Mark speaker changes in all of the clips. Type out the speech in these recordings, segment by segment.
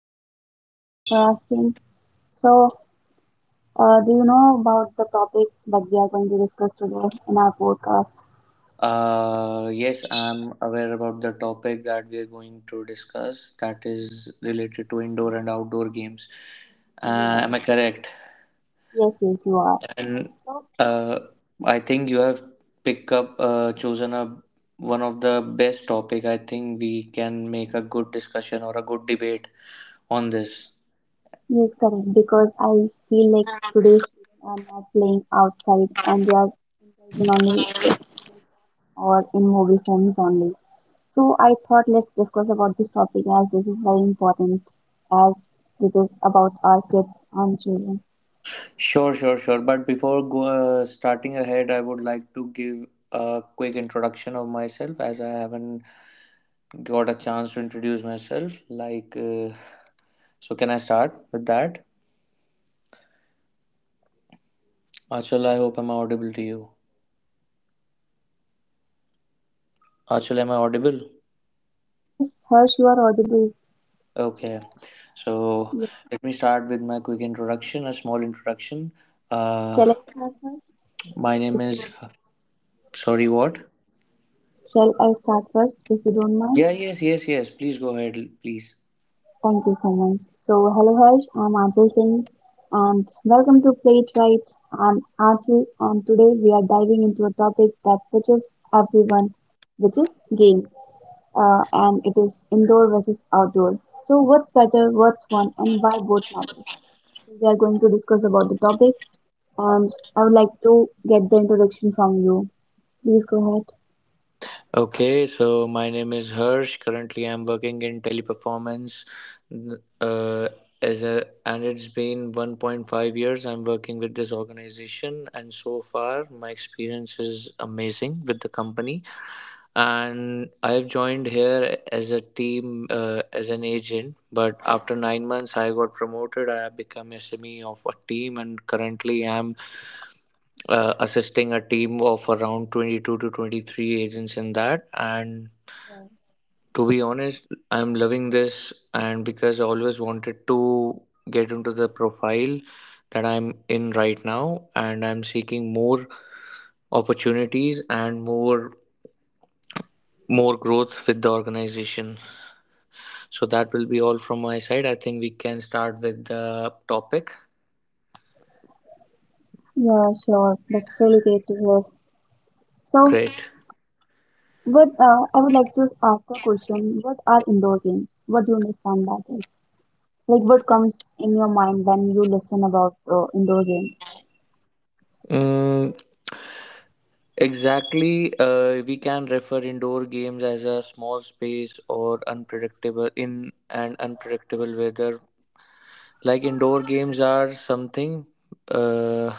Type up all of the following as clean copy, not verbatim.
Speaker 1: good. Thank you so much for asking. So, do you know about the topic that we are going to discuss today in our podcast?
Speaker 2: Yes, I'm aware about the topic that we're going to discuss that is related to indoor and outdoor games.
Speaker 1: Yeah.
Speaker 2: Am I correct?
Speaker 1: Yes, you are.
Speaker 2: And
Speaker 1: So,
Speaker 2: uh, I think you have picked up, chosen a one of the best topic. I think we can make a good discussion or a good debate on this.
Speaker 1: yes, correct. Because I feel like today's children are not playing outside and they are playing only or in mobile phones only. So, I thought let's discuss about this topic as this is very important as this is about our kids and children.
Speaker 2: Sure, sure, sure. But before starting ahead, I would like to give a quick introduction of myself as I haven't got a chance to introduce myself. Like, so can I start with that? Achal, I hope I'm audible to you. Achal, am I audible?
Speaker 1: Yes, Harsh, you are audible.
Speaker 2: Okay, so let me start with my quick introduction, a small introduction.
Speaker 1: Shall
Speaker 2: Uh,
Speaker 1: I start first?
Speaker 2: my
Speaker 1: If
Speaker 2: name
Speaker 1: you
Speaker 2: is.
Speaker 1: don't-
Speaker 2: Sorry, what?
Speaker 1: Shall I start first if you don't mind?
Speaker 2: Yeah, yes, yes, yes. Please go ahead, please.
Speaker 1: Thank you so much. So, hello Harsh, I'm Ajay Singh and welcome to Play It Right. I'm Ajay and today we are diving into a topic that touches everyone, which is games. And it is indoor versus outdoor. So, what's better, what's fun, and why both matters? So, we are going to discuss about the topic and I would like to get the introduction from you. Please go ahead.
Speaker 2: Okay, so my name is Harsh. Currently, I'm working in teleperformance, uh, and it's been 1.5 years I'm working with this organization, and so far my experience is amazing with the company, and I've joined here as a team as an agent. But after 9 months, I got promoted. I have become SME of a team, and currently I'm assisting a team of around 22 to 23 agents in that. And to be honest, I'm loving this, and because I always wanted to get into the profile that I'm in right now, and I'm seeking more opportunities and more growth with the organization. So that will be all from my side. I think we can start with the topic.
Speaker 1: Yeah, sure. That's really great to hear. So,
Speaker 2: Great.
Speaker 1: what I would like to ask a question: What are indoor games? What do you understand by this? Like, what comes in your mind when you listen about indoor games?
Speaker 2: Mm, exactly. We can refer indoor games as a small space or unpredictable in an unpredictable weather, like indoor games are something uh,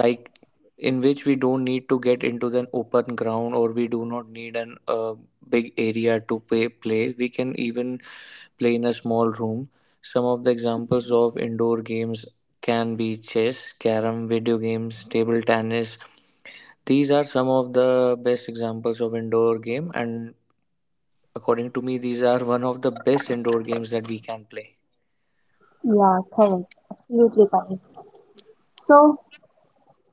Speaker 2: like in which we don't need to get into the open ground or we do not need an big area to play. We can even play in a small room. Some of the examples of indoor games can be chess, carom, video games, table tennis. These are some of the best examples of indoor game, and according to me, these are one of the best indoor games that we can play.
Speaker 1: Yeah, correct, absolutely correct. So,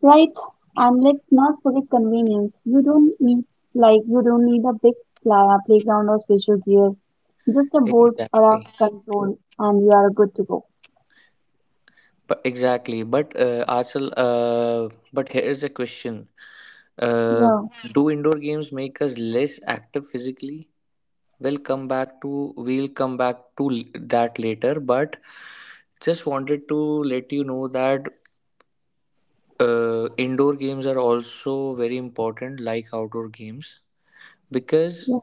Speaker 1: right, and let's not forget convenience. You don't need a big playground or special gear. Just a board or a
Speaker 2: exactly
Speaker 1: console, and you are good to go.
Speaker 2: Exactly, but Achal, but here's the question: uh,
Speaker 1: Yeah,
Speaker 2: do indoor games make us less active physically? We'll come back to we'll come back to l- that later. But just wanted to let you know that indoor games are also very important, like outdoor games, because
Speaker 1: yeah.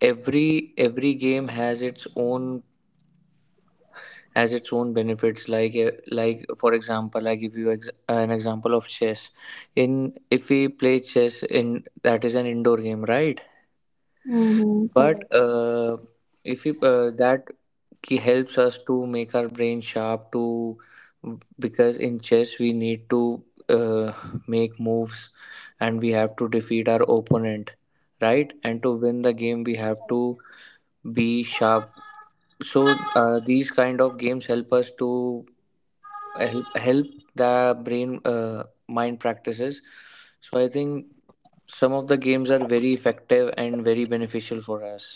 Speaker 2: every game has its own benefits. Like for example, I give you an example of chess. In If we play chess, in that is an indoor game, right?
Speaker 1: Mm-hmm,
Speaker 2: But
Speaker 1: correct.
Speaker 2: if we, that helps us to make our brain sharp, to because in chess we need to uh, make moves, and we have to defeat our opponent, right? And to win the game, we have to be sharp. So these kind of games help us to help the brain, mind practices. So I think some of the games are very effective and very beneficial for us.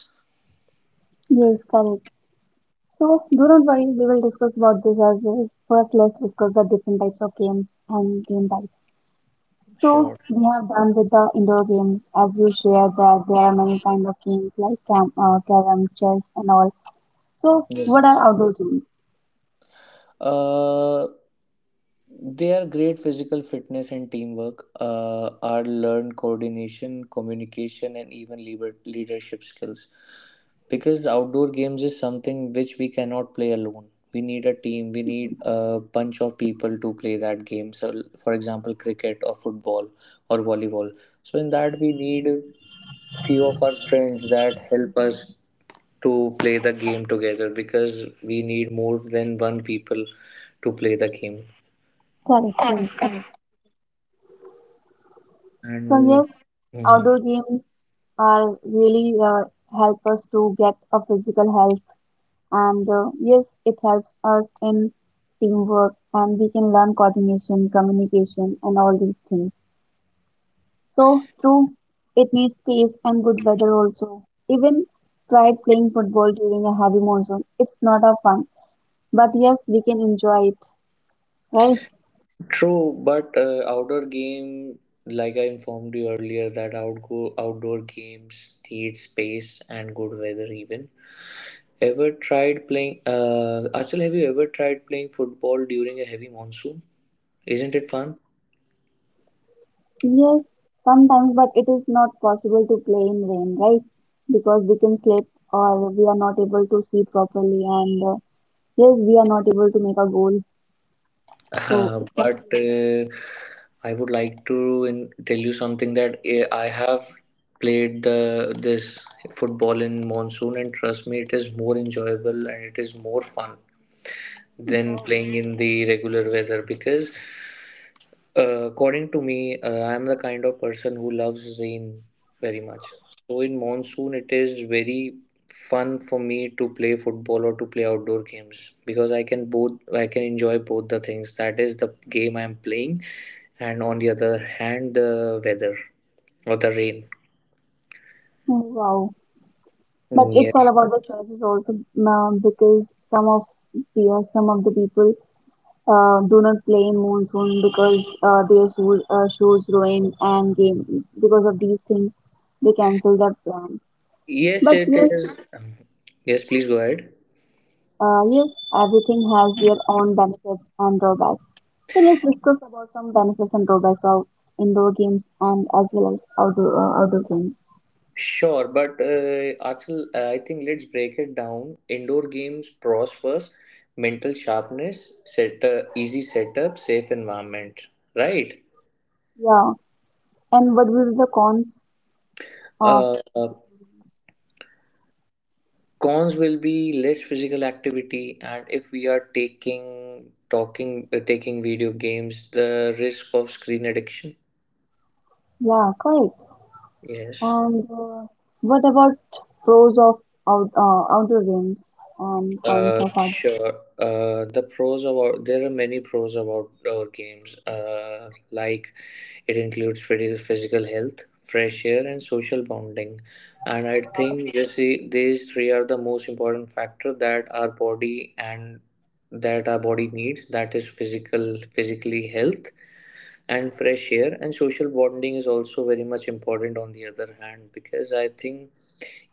Speaker 1: Yes, correct. So do not worry, we will discuss about this as well. First, let's discuss the different types of games and game types. So
Speaker 2: Sure.
Speaker 1: we have done with the indoor games, as you shared that there are many kind of games like carom, chess, and all. So
Speaker 2: Yes,
Speaker 1: what are
Speaker 2: Aaj.
Speaker 1: outdoor games?
Speaker 2: Uh, Their great physical fitness and teamwork are learned coordination, communication, and even leadership skills. Because the outdoor games is something which we cannot play alone. We need a team. We need a bunch of people to play that game. So, for example, cricket or football or volleyball. So in that we need a few of our friends that help us to play the game together, because we need more than one people to play the game
Speaker 1: Correct, correct. Abs- So
Speaker 2: and
Speaker 1: yes,
Speaker 2: Mm.
Speaker 1: outdoor games are really help us to get a physical health, and yes, it helps us in teamwork, and we can learn coordination, communication, and all these things. So true, it needs space and good weather also. Even try playing football during a heavy monsoon. It's not a fun, but yes, we can enjoy it, right?
Speaker 2: True, but outdoor game, like I informed you earlier, that outgo outdoor games need space and good weather even. Ever tried playing, Achal, have you ever tried playing football during a heavy monsoon? Isn't it fun?
Speaker 1: Yes, sometimes, but it is not possible to play in rain, right? Because we can slip or we are not able to see properly, and yes, we are not able to make a goal. So it can
Speaker 2: But
Speaker 1: be.
Speaker 2: I would like to tell you something that I have played the this football in monsoon, and trust me, it is more enjoyable and it is more fun than
Speaker 1: Wow.
Speaker 2: playing in the regular weather. Because according to me, I'm the kind of person who loves rain very much. So in monsoon it is very fun for me to play football or to play outdoor games, because I can both I can enjoy both the things, that is the game I'm playing, and on the other hand the weather or the rain.
Speaker 1: Oh, wow. But it's all
Speaker 2: Yes,
Speaker 1: about the choices also, ma'am, because some of some of the people do not play in monsoon because their shoes, shoes ruin and game because of these things they cancel their plan.
Speaker 2: yes
Speaker 1: But
Speaker 2: it
Speaker 1: yes,
Speaker 2: is. Yes, please go ahead.
Speaker 1: yes, everything has their own benefits and drawbacks. So let's discuss about some benefits and drawbacks of indoor games and as well as outdoor games.
Speaker 2: Sure, but Achal, I think let's break it down. Indoor games, pros first: mental sharpness, set easy setup, safe environment, right?
Speaker 1: Yeah, and what will be the cons of
Speaker 2: Uh, uh, Cons will be less physical activity, and if we are taking video games, the risk of screen addiction.
Speaker 1: yeah, correct.
Speaker 2: Yes.
Speaker 1: And what about pros of outdoor games and cons of outdoor.
Speaker 2: Sure. There are many pros about our games. Like it includes physical health, fresh air, and social bonding. And I think these three are the most important factor that our body and that our body needs. That is physical, physically health and fresh air. And social bonding is also very much important on the other hand, because I think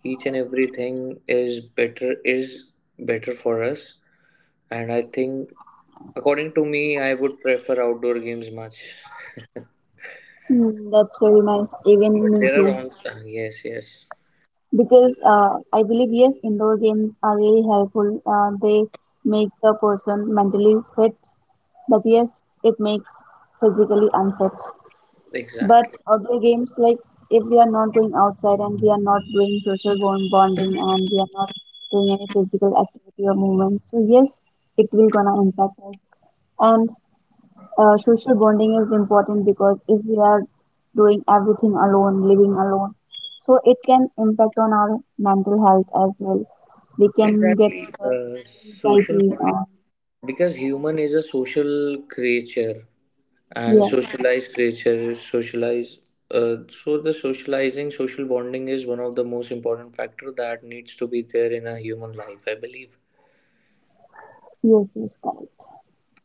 Speaker 2: each and everything is better for us. And I think, according to me, I would prefer outdoor games much.
Speaker 1: Hmm, that's very nice. Even
Speaker 2: But
Speaker 1: me
Speaker 2: there
Speaker 1: too.
Speaker 2: are on Yes, yes,
Speaker 1: Because I believe yes, indoor games are really helpful. They make the person mentally fit, but yes, it makes physically unfit. But
Speaker 2: exactly,
Speaker 1: outdoor games, like if we are not going outside and we are not doing social bond bonding and we are not doing any physical activity or movement, so yes, it will gonna impact us. And social bonding is important because if we are doing everything alone, living alone, so it can impact on our mental health as well. We can get
Speaker 2: exactly.
Speaker 1: stress,
Speaker 2: Social
Speaker 1: anxiety,
Speaker 2: bonding,
Speaker 1: and
Speaker 2: because human is a social creature and
Speaker 1: yes,
Speaker 2: socialized creature, socialized. So the socializing, social bonding is one of the most important factor that needs to be there in a human life, I believe.
Speaker 1: yes, correct.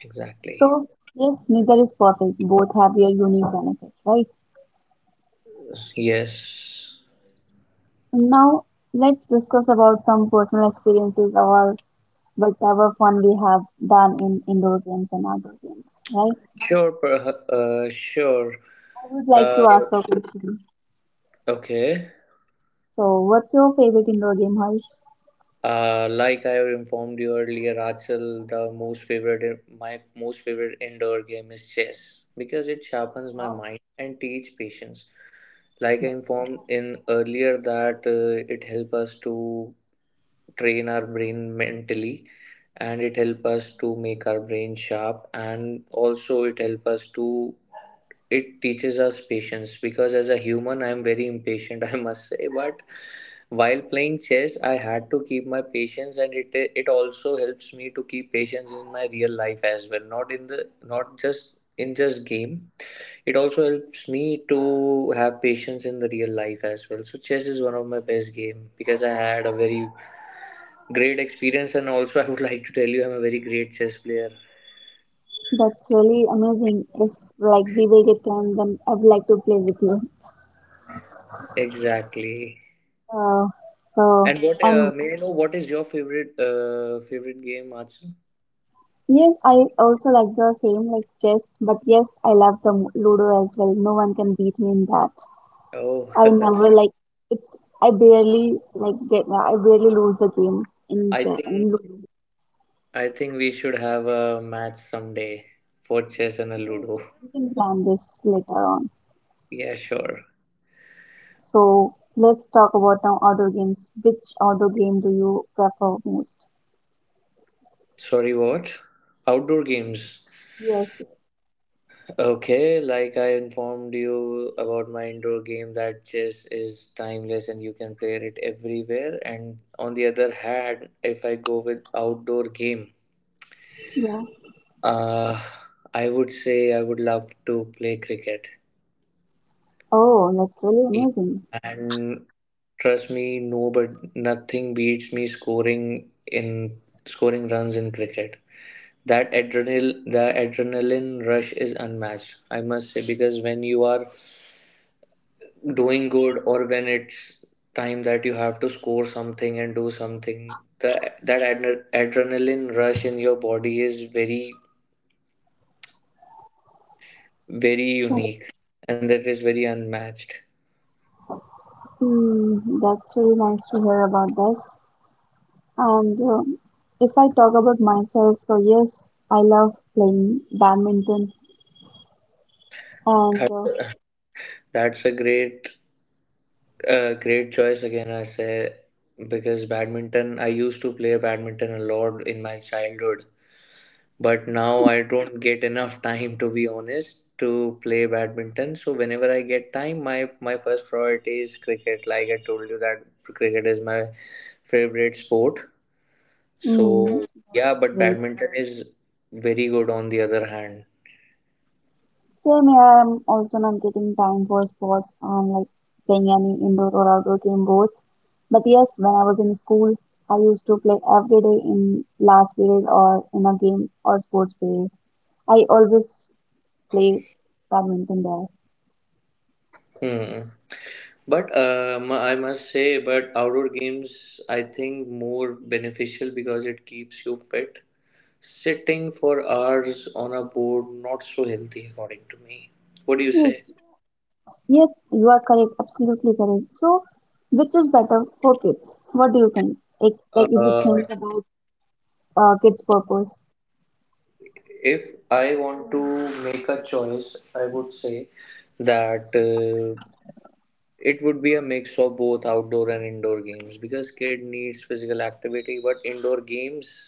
Speaker 2: Exactly.
Speaker 1: So yes, neither is perfect. Both have their unique benefits, right?
Speaker 2: Yes,
Speaker 1: Now let's discuss about some personal experiences or whatever fun we have done in indoor games and outdoor games, right?
Speaker 2: sure, sure.
Speaker 1: I would like
Speaker 2: Uh,
Speaker 1: to ask a question.
Speaker 2: okay.
Speaker 1: So, what's your favorite indoor game, Harsh?
Speaker 2: Like I have informed you earlier, Achal, the most favorite my most favorite indoor game is chess, because it sharpens my
Speaker 1: Wow,
Speaker 2: mind and teach patience. Like I informed in earlier that it help us to train our brain mentally, and it help us to make our brain sharp, and also it help us to it teaches us patience. Because as a human I'm very impatient, I must say, but while playing chess I had to keep my patience, and it also helps me to keep patience in my real life as well, not in the not just in just game. It also helps me to have patience in the real life as well. So chess is one of my best game, because I had a very great experience, and also I would like to tell you I'm a very great chess player.
Speaker 1: that's really amazing. If like we will get time, then I'd like to play with you.
Speaker 2: Exactly.
Speaker 1: Uh, so
Speaker 2: And what
Speaker 1: and
Speaker 2: may I know what is your favorite favorite game, Achal?
Speaker 1: yes, I also like the same like chess, but yes, I love the Ludo as well. No one can beat me in that.
Speaker 2: Oh,
Speaker 1: I never like it's. I barely like get. I barely lose the game in
Speaker 2: I
Speaker 1: chess
Speaker 2: think
Speaker 1: in Ludo.
Speaker 2: I think we should have a match someday for chess and a
Speaker 1: We
Speaker 2: Ludo.
Speaker 1: we can plan this later on.
Speaker 2: Yeah, sure.
Speaker 1: So let's talk about now outdoor games. Which outdoor game do you prefer most?
Speaker 2: Sorry, what? Outdoor games.
Speaker 1: Yes,
Speaker 2: Okay, like I informed you about my indoor game that chess is timeless and you can play it everywhere. And on the other hand, if I go with outdoor game,
Speaker 1: yeah.
Speaker 2: uh, I would say I would love to play cricket.
Speaker 1: Oh, that's really amazing.
Speaker 2: And trust me, no, but nothing beats me scoring runs in cricket. That the adrenaline rush is unmatched, I must say. Because when you are doing good or when it's time that you have to score something and do something, the that adrenaline rush in your body is very
Speaker 1: So,
Speaker 2: unique and that is very unmatched.
Speaker 1: hmm, that's really nice to hear about this. And if I talk about myself, so yes, I love playing badminton. And
Speaker 2: That's a great A great choice again, I say, because badminton, I used to play badminton a lot in my childhood, but now I don't get enough time, to be honest, to play badminton. So whenever I get time, my first priority is cricket. Like I told you that cricket is my favorite sport.
Speaker 1: mm,
Speaker 2: So yeah, but
Speaker 1: wait,
Speaker 2: badminton is very good on the other hand.
Speaker 1: same here, I'm also not getting time for sports and like playing any indoor or outdoor game both. But yes, when I was in school, I used to play every day in last period or in a game or sports period. I always play badminton there.
Speaker 2: Hmm. But I must say, but outdoor games I think more beneficial because it keeps you fit. Sitting for hours on a board not so healthy according to me. What do you
Speaker 1: Yes,
Speaker 2: say?
Speaker 1: yes, you are correct, absolutely correct. So, which is better for kids? What do you think? It's like
Speaker 2: Uh,
Speaker 1: if you think about Kids' purpose.
Speaker 2: if I want to make a choice, I would say that it would be a mix of both outdoor and indoor games, because kid needs physical activity, but indoor games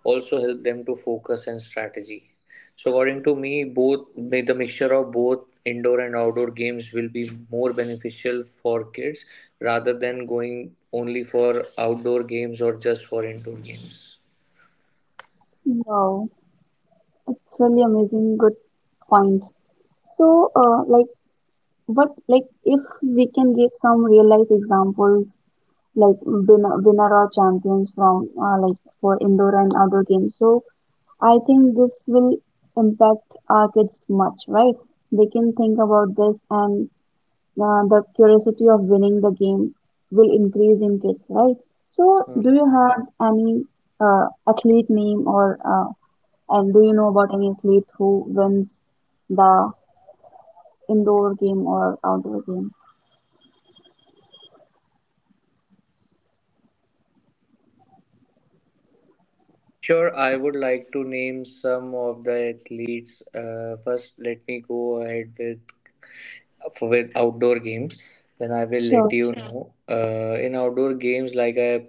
Speaker 2: also help them to focus and strategy. So according to me, both the mixture of both indoor and outdoor games will be more beneficial for kids rather than going only for outdoor games or just for indoor games.
Speaker 1: Wow, it's really amazing, good point. So, if we can give some real life examples, like winner or champions from, like, for indoor and outdoor games. So, I think this will impact our kids much, right? They can think about this and the curiosity of winning the game will increase interest, right? So,
Speaker 2: Uh,
Speaker 1: do you have any athlete name or and do you know about any athlete who wins the indoor game or outdoor game?
Speaker 2: Sure, I would like to name some of the athletes. First, let me go ahead with for with outdoor games, then I will let
Speaker 1: Sure.
Speaker 2: you know. In outdoor games, like I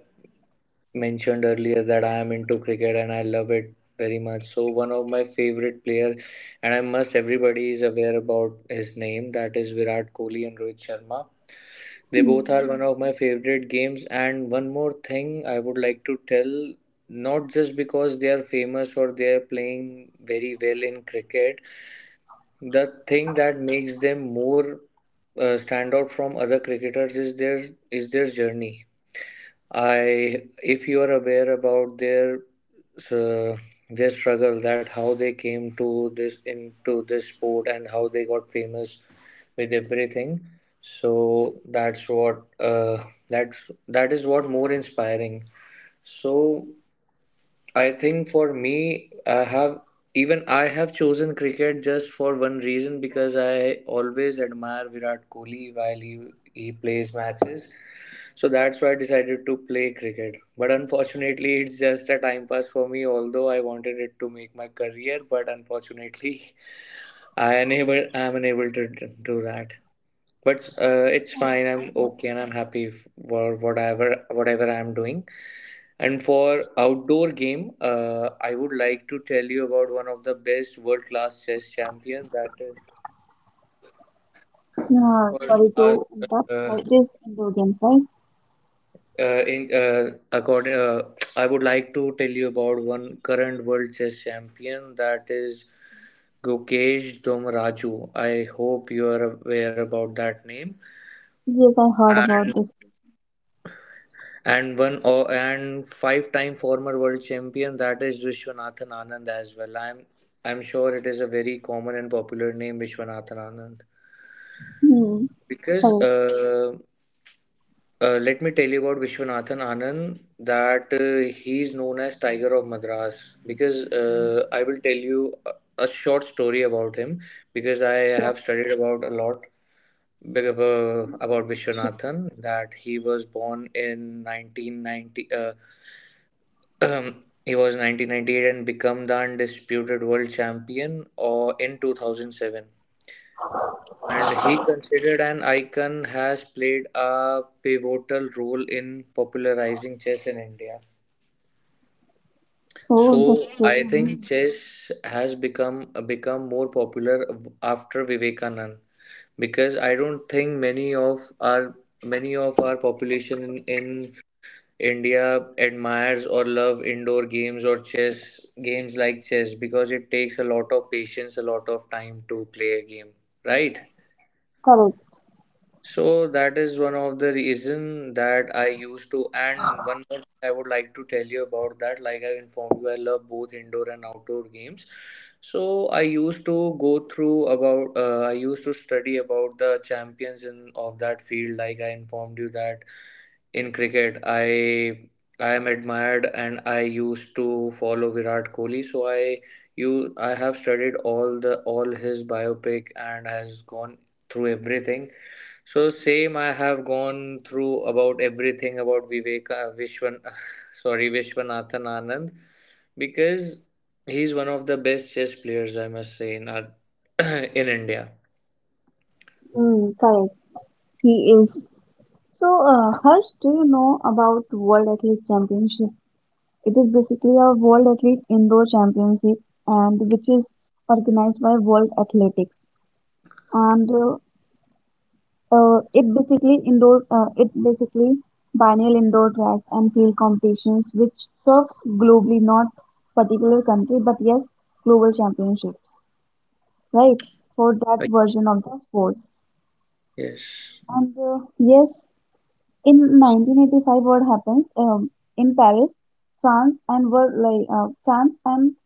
Speaker 2: mentioned earlier, that I am into cricket and I love it very much. So one of my favorite player, and I must everybody is aware about his name. That is Virat Kohli and Rohit Sharma. They both are
Speaker 1: Hmm.
Speaker 2: one of my favorite games. And one more thing I would like to tell, not just because they are famous or they are playing very well in cricket, the thing that makes them more stand out from other cricketers is their journey. If you are aware about uh, their struggle, that how they came to this into this sport and how they got famous with everything. So that's what that is what more inspiring. So I think for me, I have chosen cricket just for one reason because I always admire Virat Kohli while he plays matches. So that's why I decided to play cricket. But unfortunately, it's just a time pass for me. Although I wanted it to make my career, but unfortunately, I am unable to do that, but it's fine, I'm okay and I'm happy for whatever I'm doing. And for outdoor game, I would like to tell you about one of the best world class chess champion, that is
Speaker 1: Yeah,
Speaker 2: world
Speaker 1: sorry
Speaker 2: class
Speaker 1: to interrupt.
Speaker 2: uh,
Speaker 1: It is indoor games, right?
Speaker 2: in according I would like to tell you about one current world chess champion, that is Gokesh Domraju. I hope you are aware about that name,
Speaker 1: Yes, I heard about this.
Speaker 2: and one or and five time former world champion, that is Vishwanathan Anand as well. I'm sure it is a very common and popular name, Vishwanathan Anand,
Speaker 1: Hmm.
Speaker 2: because
Speaker 1: Correct.
Speaker 2: let me tell you about Vishwanathan Anand that he is known as Tiger of Madras. Because I will tell you a short story about him because I
Speaker 1: Sure.
Speaker 2: have studied about a lot Bigaba about
Speaker 1: Sure.
Speaker 2: Vishwanathan, that he was born in 1990. He was 1998 and become the undisputed world champion in 2007. And he considered an icon has played a pivotal role in popularizing chess in India.
Speaker 1: Oh,
Speaker 2: So
Speaker 1: that's really
Speaker 2: I think
Speaker 1: amazing.
Speaker 2: chess has become more popular after Vivekanand because I don't think many of our population in India admires or love indoor games or chess games like chess, because it takes a lot of patience, a lot of time to play a game, right?
Speaker 1: Correct.
Speaker 2: So that is one of the reason that I used to. And one more thing I would like to tell you about, that like I informed you, I love both indoor and outdoor games. So I used to go through about I used to study about the champions in of that field, like I informed you that in cricket, I am admired and I used to follow Virat Kohli. So i you I have studied all the all his biopic and has gone through everything. So same I have gone through about everything about vivek vishwan sorry, Vishwanathan Anand, because he's one of the best chess players, I must say, in our in India.
Speaker 1: Mm, correct. He is. So, Harsh, do you know about World Athlete Championship? It is basically a World Athlete Indoor Championship, and which is organized by World Athletics, and it basically biennial indoor track and field competitions, which serves globally, not particular country, but yes, global championships, right? For that version of the sports,
Speaker 2: Yes.
Speaker 1: and yes. In 1985 what happens in paris france and were like france and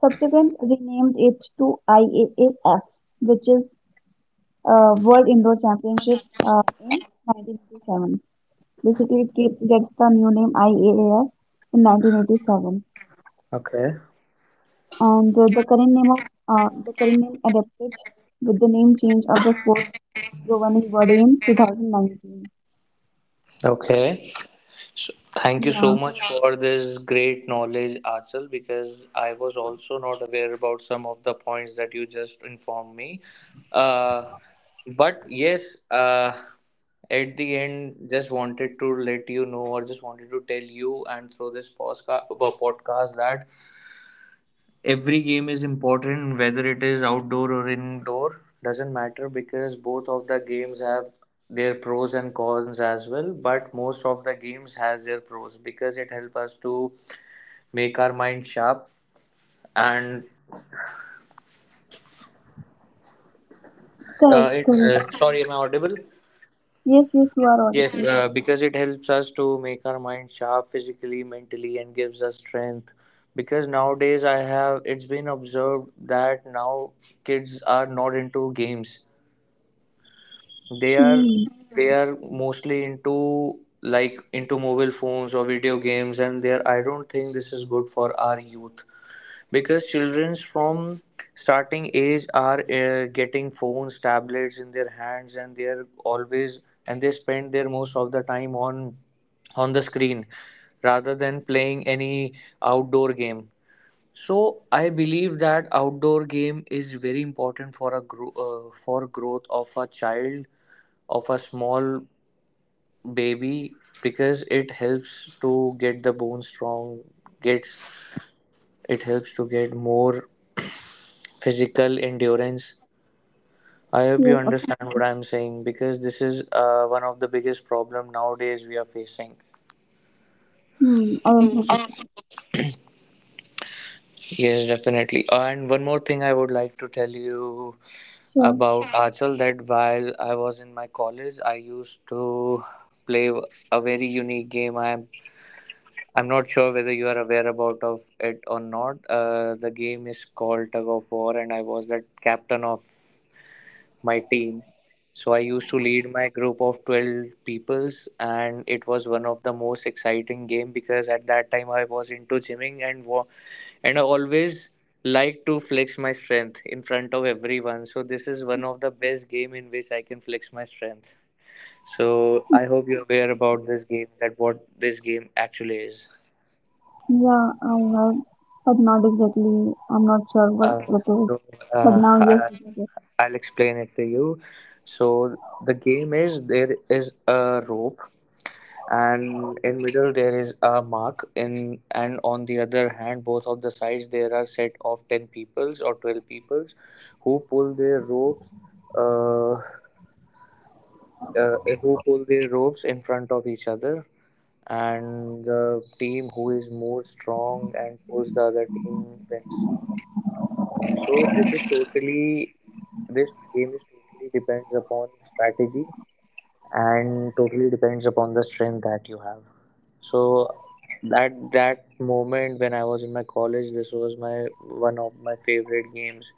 Speaker 1: subsequent renamed it to iaaf which is world indoor championship uh, in 1987. Basically it gets the new name iaaf in 1987,
Speaker 2: Okay.
Speaker 1: and the current name of the current name adapted with the name change of the sports giovanni body in 2019.
Speaker 2: Okay. So, thank you so
Speaker 1: Yeah,
Speaker 2: much. Yeah. For this great knowledge, Achal, because I was also not aware about some of the points that you just informed me. Uh, but yes, uh, at the end, just wanted to let you know, or just wanted to tell you, and through this podcast, that every game is important, whether it is outdoor or indoor, doesn't matter, because both of the games have their pros and cons as well. But most of the games has their pros because it help us to make our mind sharp. And
Speaker 1: correct,
Speaker 2: it
Speaker 1: correct.
Speaker 2: sorry, am I audible?
Speaker 1: Yes, yes, you are
Speaker 2: Yes,
Speaker 1: audible.
Speaker 2: because it helps us to make our mind sharp physically, mentally, and gives us strength. Because nowadays I have it's been observed that now kids are not into games. They are
Speaker 1: Mm,
Speaker 2: they are mostly into, like, into mobile phones or video games, and there I don't think this is good for our youth because childrens from starting age are getting phones, tablets in their hands, and they are always and they spend their most of the time on the screen rather than playing any outdoor game. So I believe that outdoor game is very important for a for growth of a child, of a small baby, because it helps to get the bone strong, gets, it helps to get more physical endurance. I hope you
Speaker 1: yes, ab-
Speaker 2: understand what I'm saying, because this is one of the biggest problem nowadays we are facing.
Speaker 1: mm, I agree with you.
Speaker 2: Yes, definitely. And one more thing I would like to tell you
Speaker 1: Sure.
Speaker 2: about, Achal, that while I was in my college, I used to play a very unique game. I'm not sure whether you are aware about of it or not. The game is called Tug of War, and I was the captain of my team. So I used to lead my group of 12 peoples, and it was one of the most exciting game because at that time I was into gymming and and I always like to flex my strength in front of everyone. So this is one of the best game in which I can flex my strength. So I hope you're aware about this game, that what this game actually is.
Speaker 1: Yeah, I heard, but not exactly. I'm not sure what
Speaker 2: Uh,
Speaker 1: it is.
Speaker 2: so,
Speaker 1: But
Speaker 2: uh,
Speaker 1: now, yes, it is.
Speaker 2: I'll explain it to you. So the game is there is a rope, and in middle there is a mark in, and on the other hand both of the sides there are set of 10 peoples or 12 peoples who pull their ropes, uh, who pull their ropes in front of each other, and the team who is more strong and pulls the other team wins. So this is totally, this game is totally depends upon strategy, and totally depends upon the strength that you have. So at that moment when I was in my college, this was my one of my favorite games.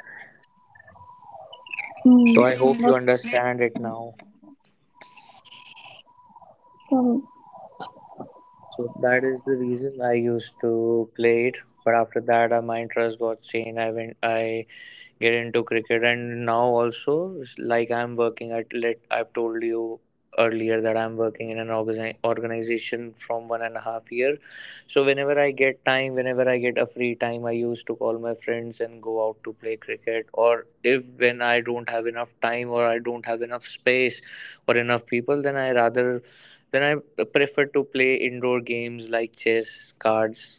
Speaker 1: Mm,
Speaker 2: So I hope you,
Speaker 1: that's
Speaker 2: Hmm, understand it now.
Speaker 1: correct.
Speaker 2: So that is the reason I used to play it. But after that, my interest got changed. I went. I get into cricket. And now also, like, I'm working at, let I've told you earlier that I'm working in an organization from 1.5 years. So whenever I get time, whenever I get a free time, I used to call my friends and go out to play cricket. Or if, when I don't have enough time, or I don't have enough space or enough people, then I rather, then I prefer to play indoor games like chess, cards,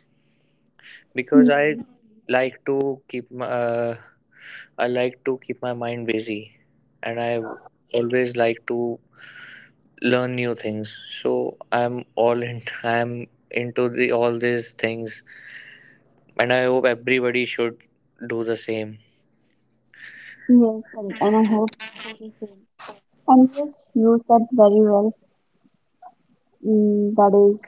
Speaker 2: because I
Speaker 1: Mm,
Speaker 2: like to keep my, I like to keep my mind busy, and I always like to learn new things. So I'm into the all these things, and I hope everybody should do the same.
Speaker 1: yes, correct. And I hope for the same. And yes, you said very well. Mm, that is,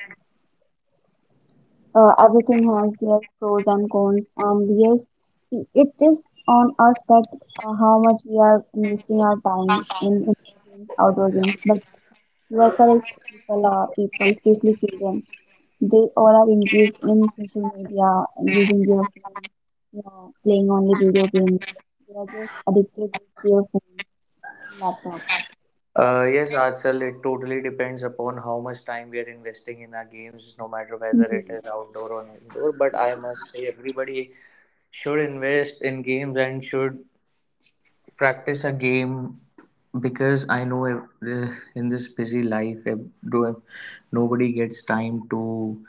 Speaker 1: everything has their pros and cons. And yes, I- it is on us that how much we are investing our time in indoor games, outdoor games. But you are correct. Especially children. They all are engaged in social media and using their phone, you know, playing only video games. They are just addicted to their phones and laptops. But
Speaker 2: Yes, Archal, it totally depends upon how much time we are investing in our games, no matter whether it
Speaker 1: hmm,
Speaker 2: is outdoor or indoor. But I must say, everybody should invest in games and should practice a game, because I know if, in this busy life, if, if nobody gets time to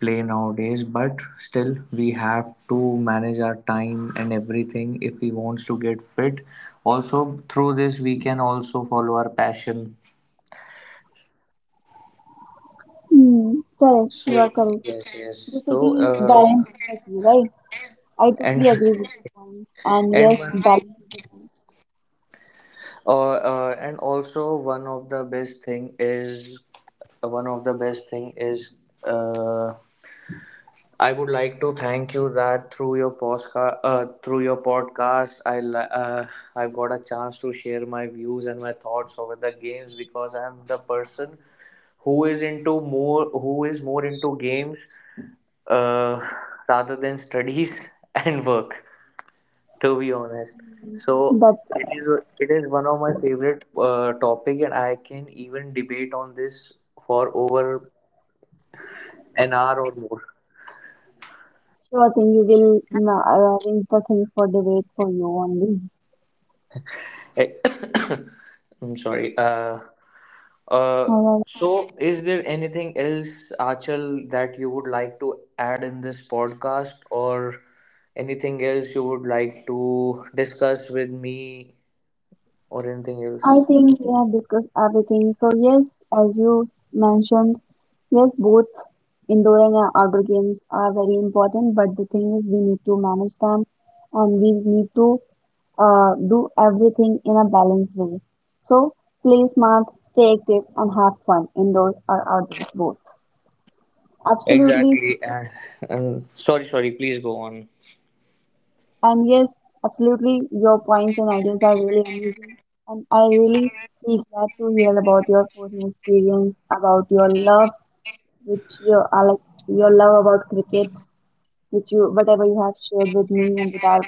Speaker 2: play nowadays. But still, we have to manage our time and everything if we wants to get fit. Also, through this, we can also follow our passion.
Speaker 1: hmm, correct, you are
Speaker 2: So
Speaker 1: correct.
Speaker 2: yes, yes. So
Speaker 1: Basically, balance is the key, right? I
Speaker 2: and
Speaker 1: totally agree with your point. And yes,
Speaker 2: and one-
Speaker 1: balance is the key.
Speaker 2: and also, one of the best thing is, one of the best thing is. Uh, I would like to thank you that through your podcast, I've got a chance to share my views and my thoughts over the games, because I'm the person who is more into games, uh, rather than studies and work. To be honest. So
Speaker 1: But
Speaker 2: it is it is one of my favorite topic, and I can even debate on this for over an hour or more.
Speaker 1: sure thing, we will mm, arrange the thing for debate for you only.
Speaker 2: Eh, I'm sorry. Uh,
Speaker 1: All right.
Speaker 2: so, is there anything else, Achal, that you would like to add in this podcast, or anything else you would like to discuss with me, or anything
Speaker 1: I
Speaker 2: else?
Speaker 1: think we have discussed everything. So yes, as you mentioned, yes, both indoor and outdoor games are very important. But the thing is, we need to manage them, and we need to do everything in a balanced way. So play smart, stay active, and have fun indoors or outdoors both. Absolutely,
Speaker 2: Exactly. And, sorry. Please go on.
Speaker 1: and yes, absolutely, your points and ideas are really amazing, and I really feel glad to hear about your personal experience, about which you are like your love about cricket, which you whatever you have shared with me and with our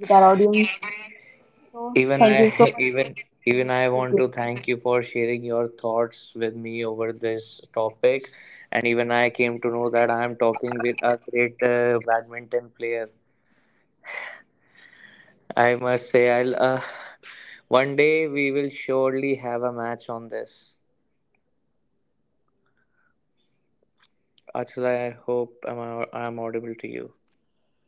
Speaker 1: with our audience. So
Speaker 2: Even
Speaker 1: thank you
Speaker 2: I,
Speaker 1: so much for
Speaker 2: even
Speaker 1: tuning
Speaker 2: even I
Speaker 1: to
Speaker 2: want
Speaker 1: play.
Speaker 2: to thank you for sharing your thoughts with me over this topic, and even I came to know that I am talking with a great badminton player. I must say, I'll one day we will surely have a match on this. Actually, I hope I'm audible to you.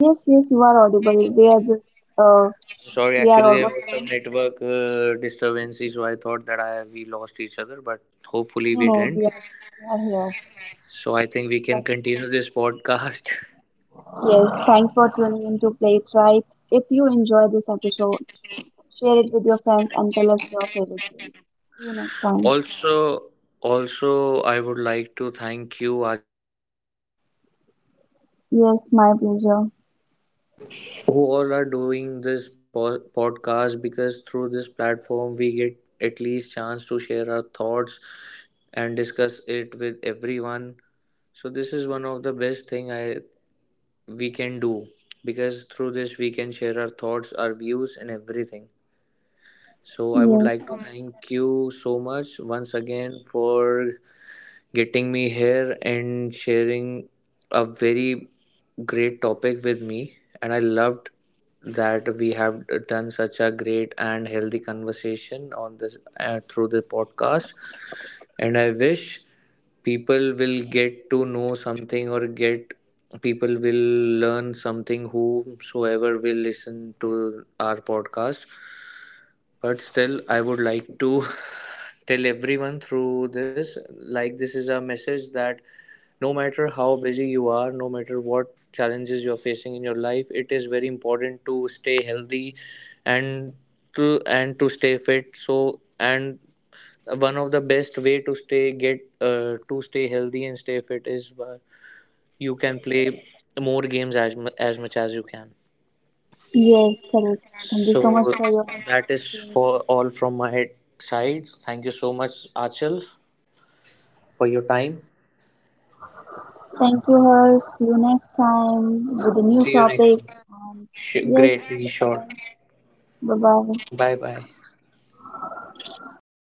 Speaker 1: Yes, yes, you are audible. We are just uh
Speaker 2: Sorry,
Speaker 1: we are
Speaker 2: actually there was
Speaker 1: almost
Speaker 2: some
Speaker 1: done.
Speaker 2: network disturbances, so I thought that I we lost each other, but hopefully
Speaker 1: No,
Speaker 2: we
Speaker 1: no,
Speaker 2: didn't.
Speaker 1: we are here.
Speaker 2: So I think we can continue this podcast.
Speaker 1: Yes, thanks for tuning in to Play It Right. If you enjoy this episode, share it with your friends and tell us your favorite game. See you next time.
Speaker 2: Also, also, I would like to thank you.
Speaker 1: Yes, my pleasure.
Speaker 2: People are doing this podcast, because through this platform we get at least chance to share our thoughts and discuss it with everyone. So this is one of the best thing I we can do, because through this we can share our thoughts, our views and everything. So I would
Speaker 1: Yes,
Speaker 2: like to thank you so much once again for getting me here and sharing a very great topic with me. And I loved that we have done such a great and healthy conversation on this through the podcast. And I wish people will get to know something or get people will learn something whomsoever will listen to our podcast. But still I would like to tell everyone through this, like, this is a message that no matter how busy you are, no matter what challenges you're facing in your life, it is very important to stay healthy and and to stay fit. So and one of the best way to stay get to stay healthy and stay fit is by you can play more games as, as much as you can.
Speaker 1: yes, correct. Thank you
Speaker 2: So
Speaker 1: so much for your
Speaker 2: that is
Speaker 1: opinion.
Speaker 2: for all from my side. Thank you so much, Achal, for your time.
Speaker 1: Thank you, Hers. See you next time with a new
Speaker 2: See you next.
Speaker 1: topic.
Speaker 2: Time.
Speaker 1: And yes,
Speaker 2: Great, sure.
Speaker 1: goodbye. Bye bye.
Speaker 2: Bye bye.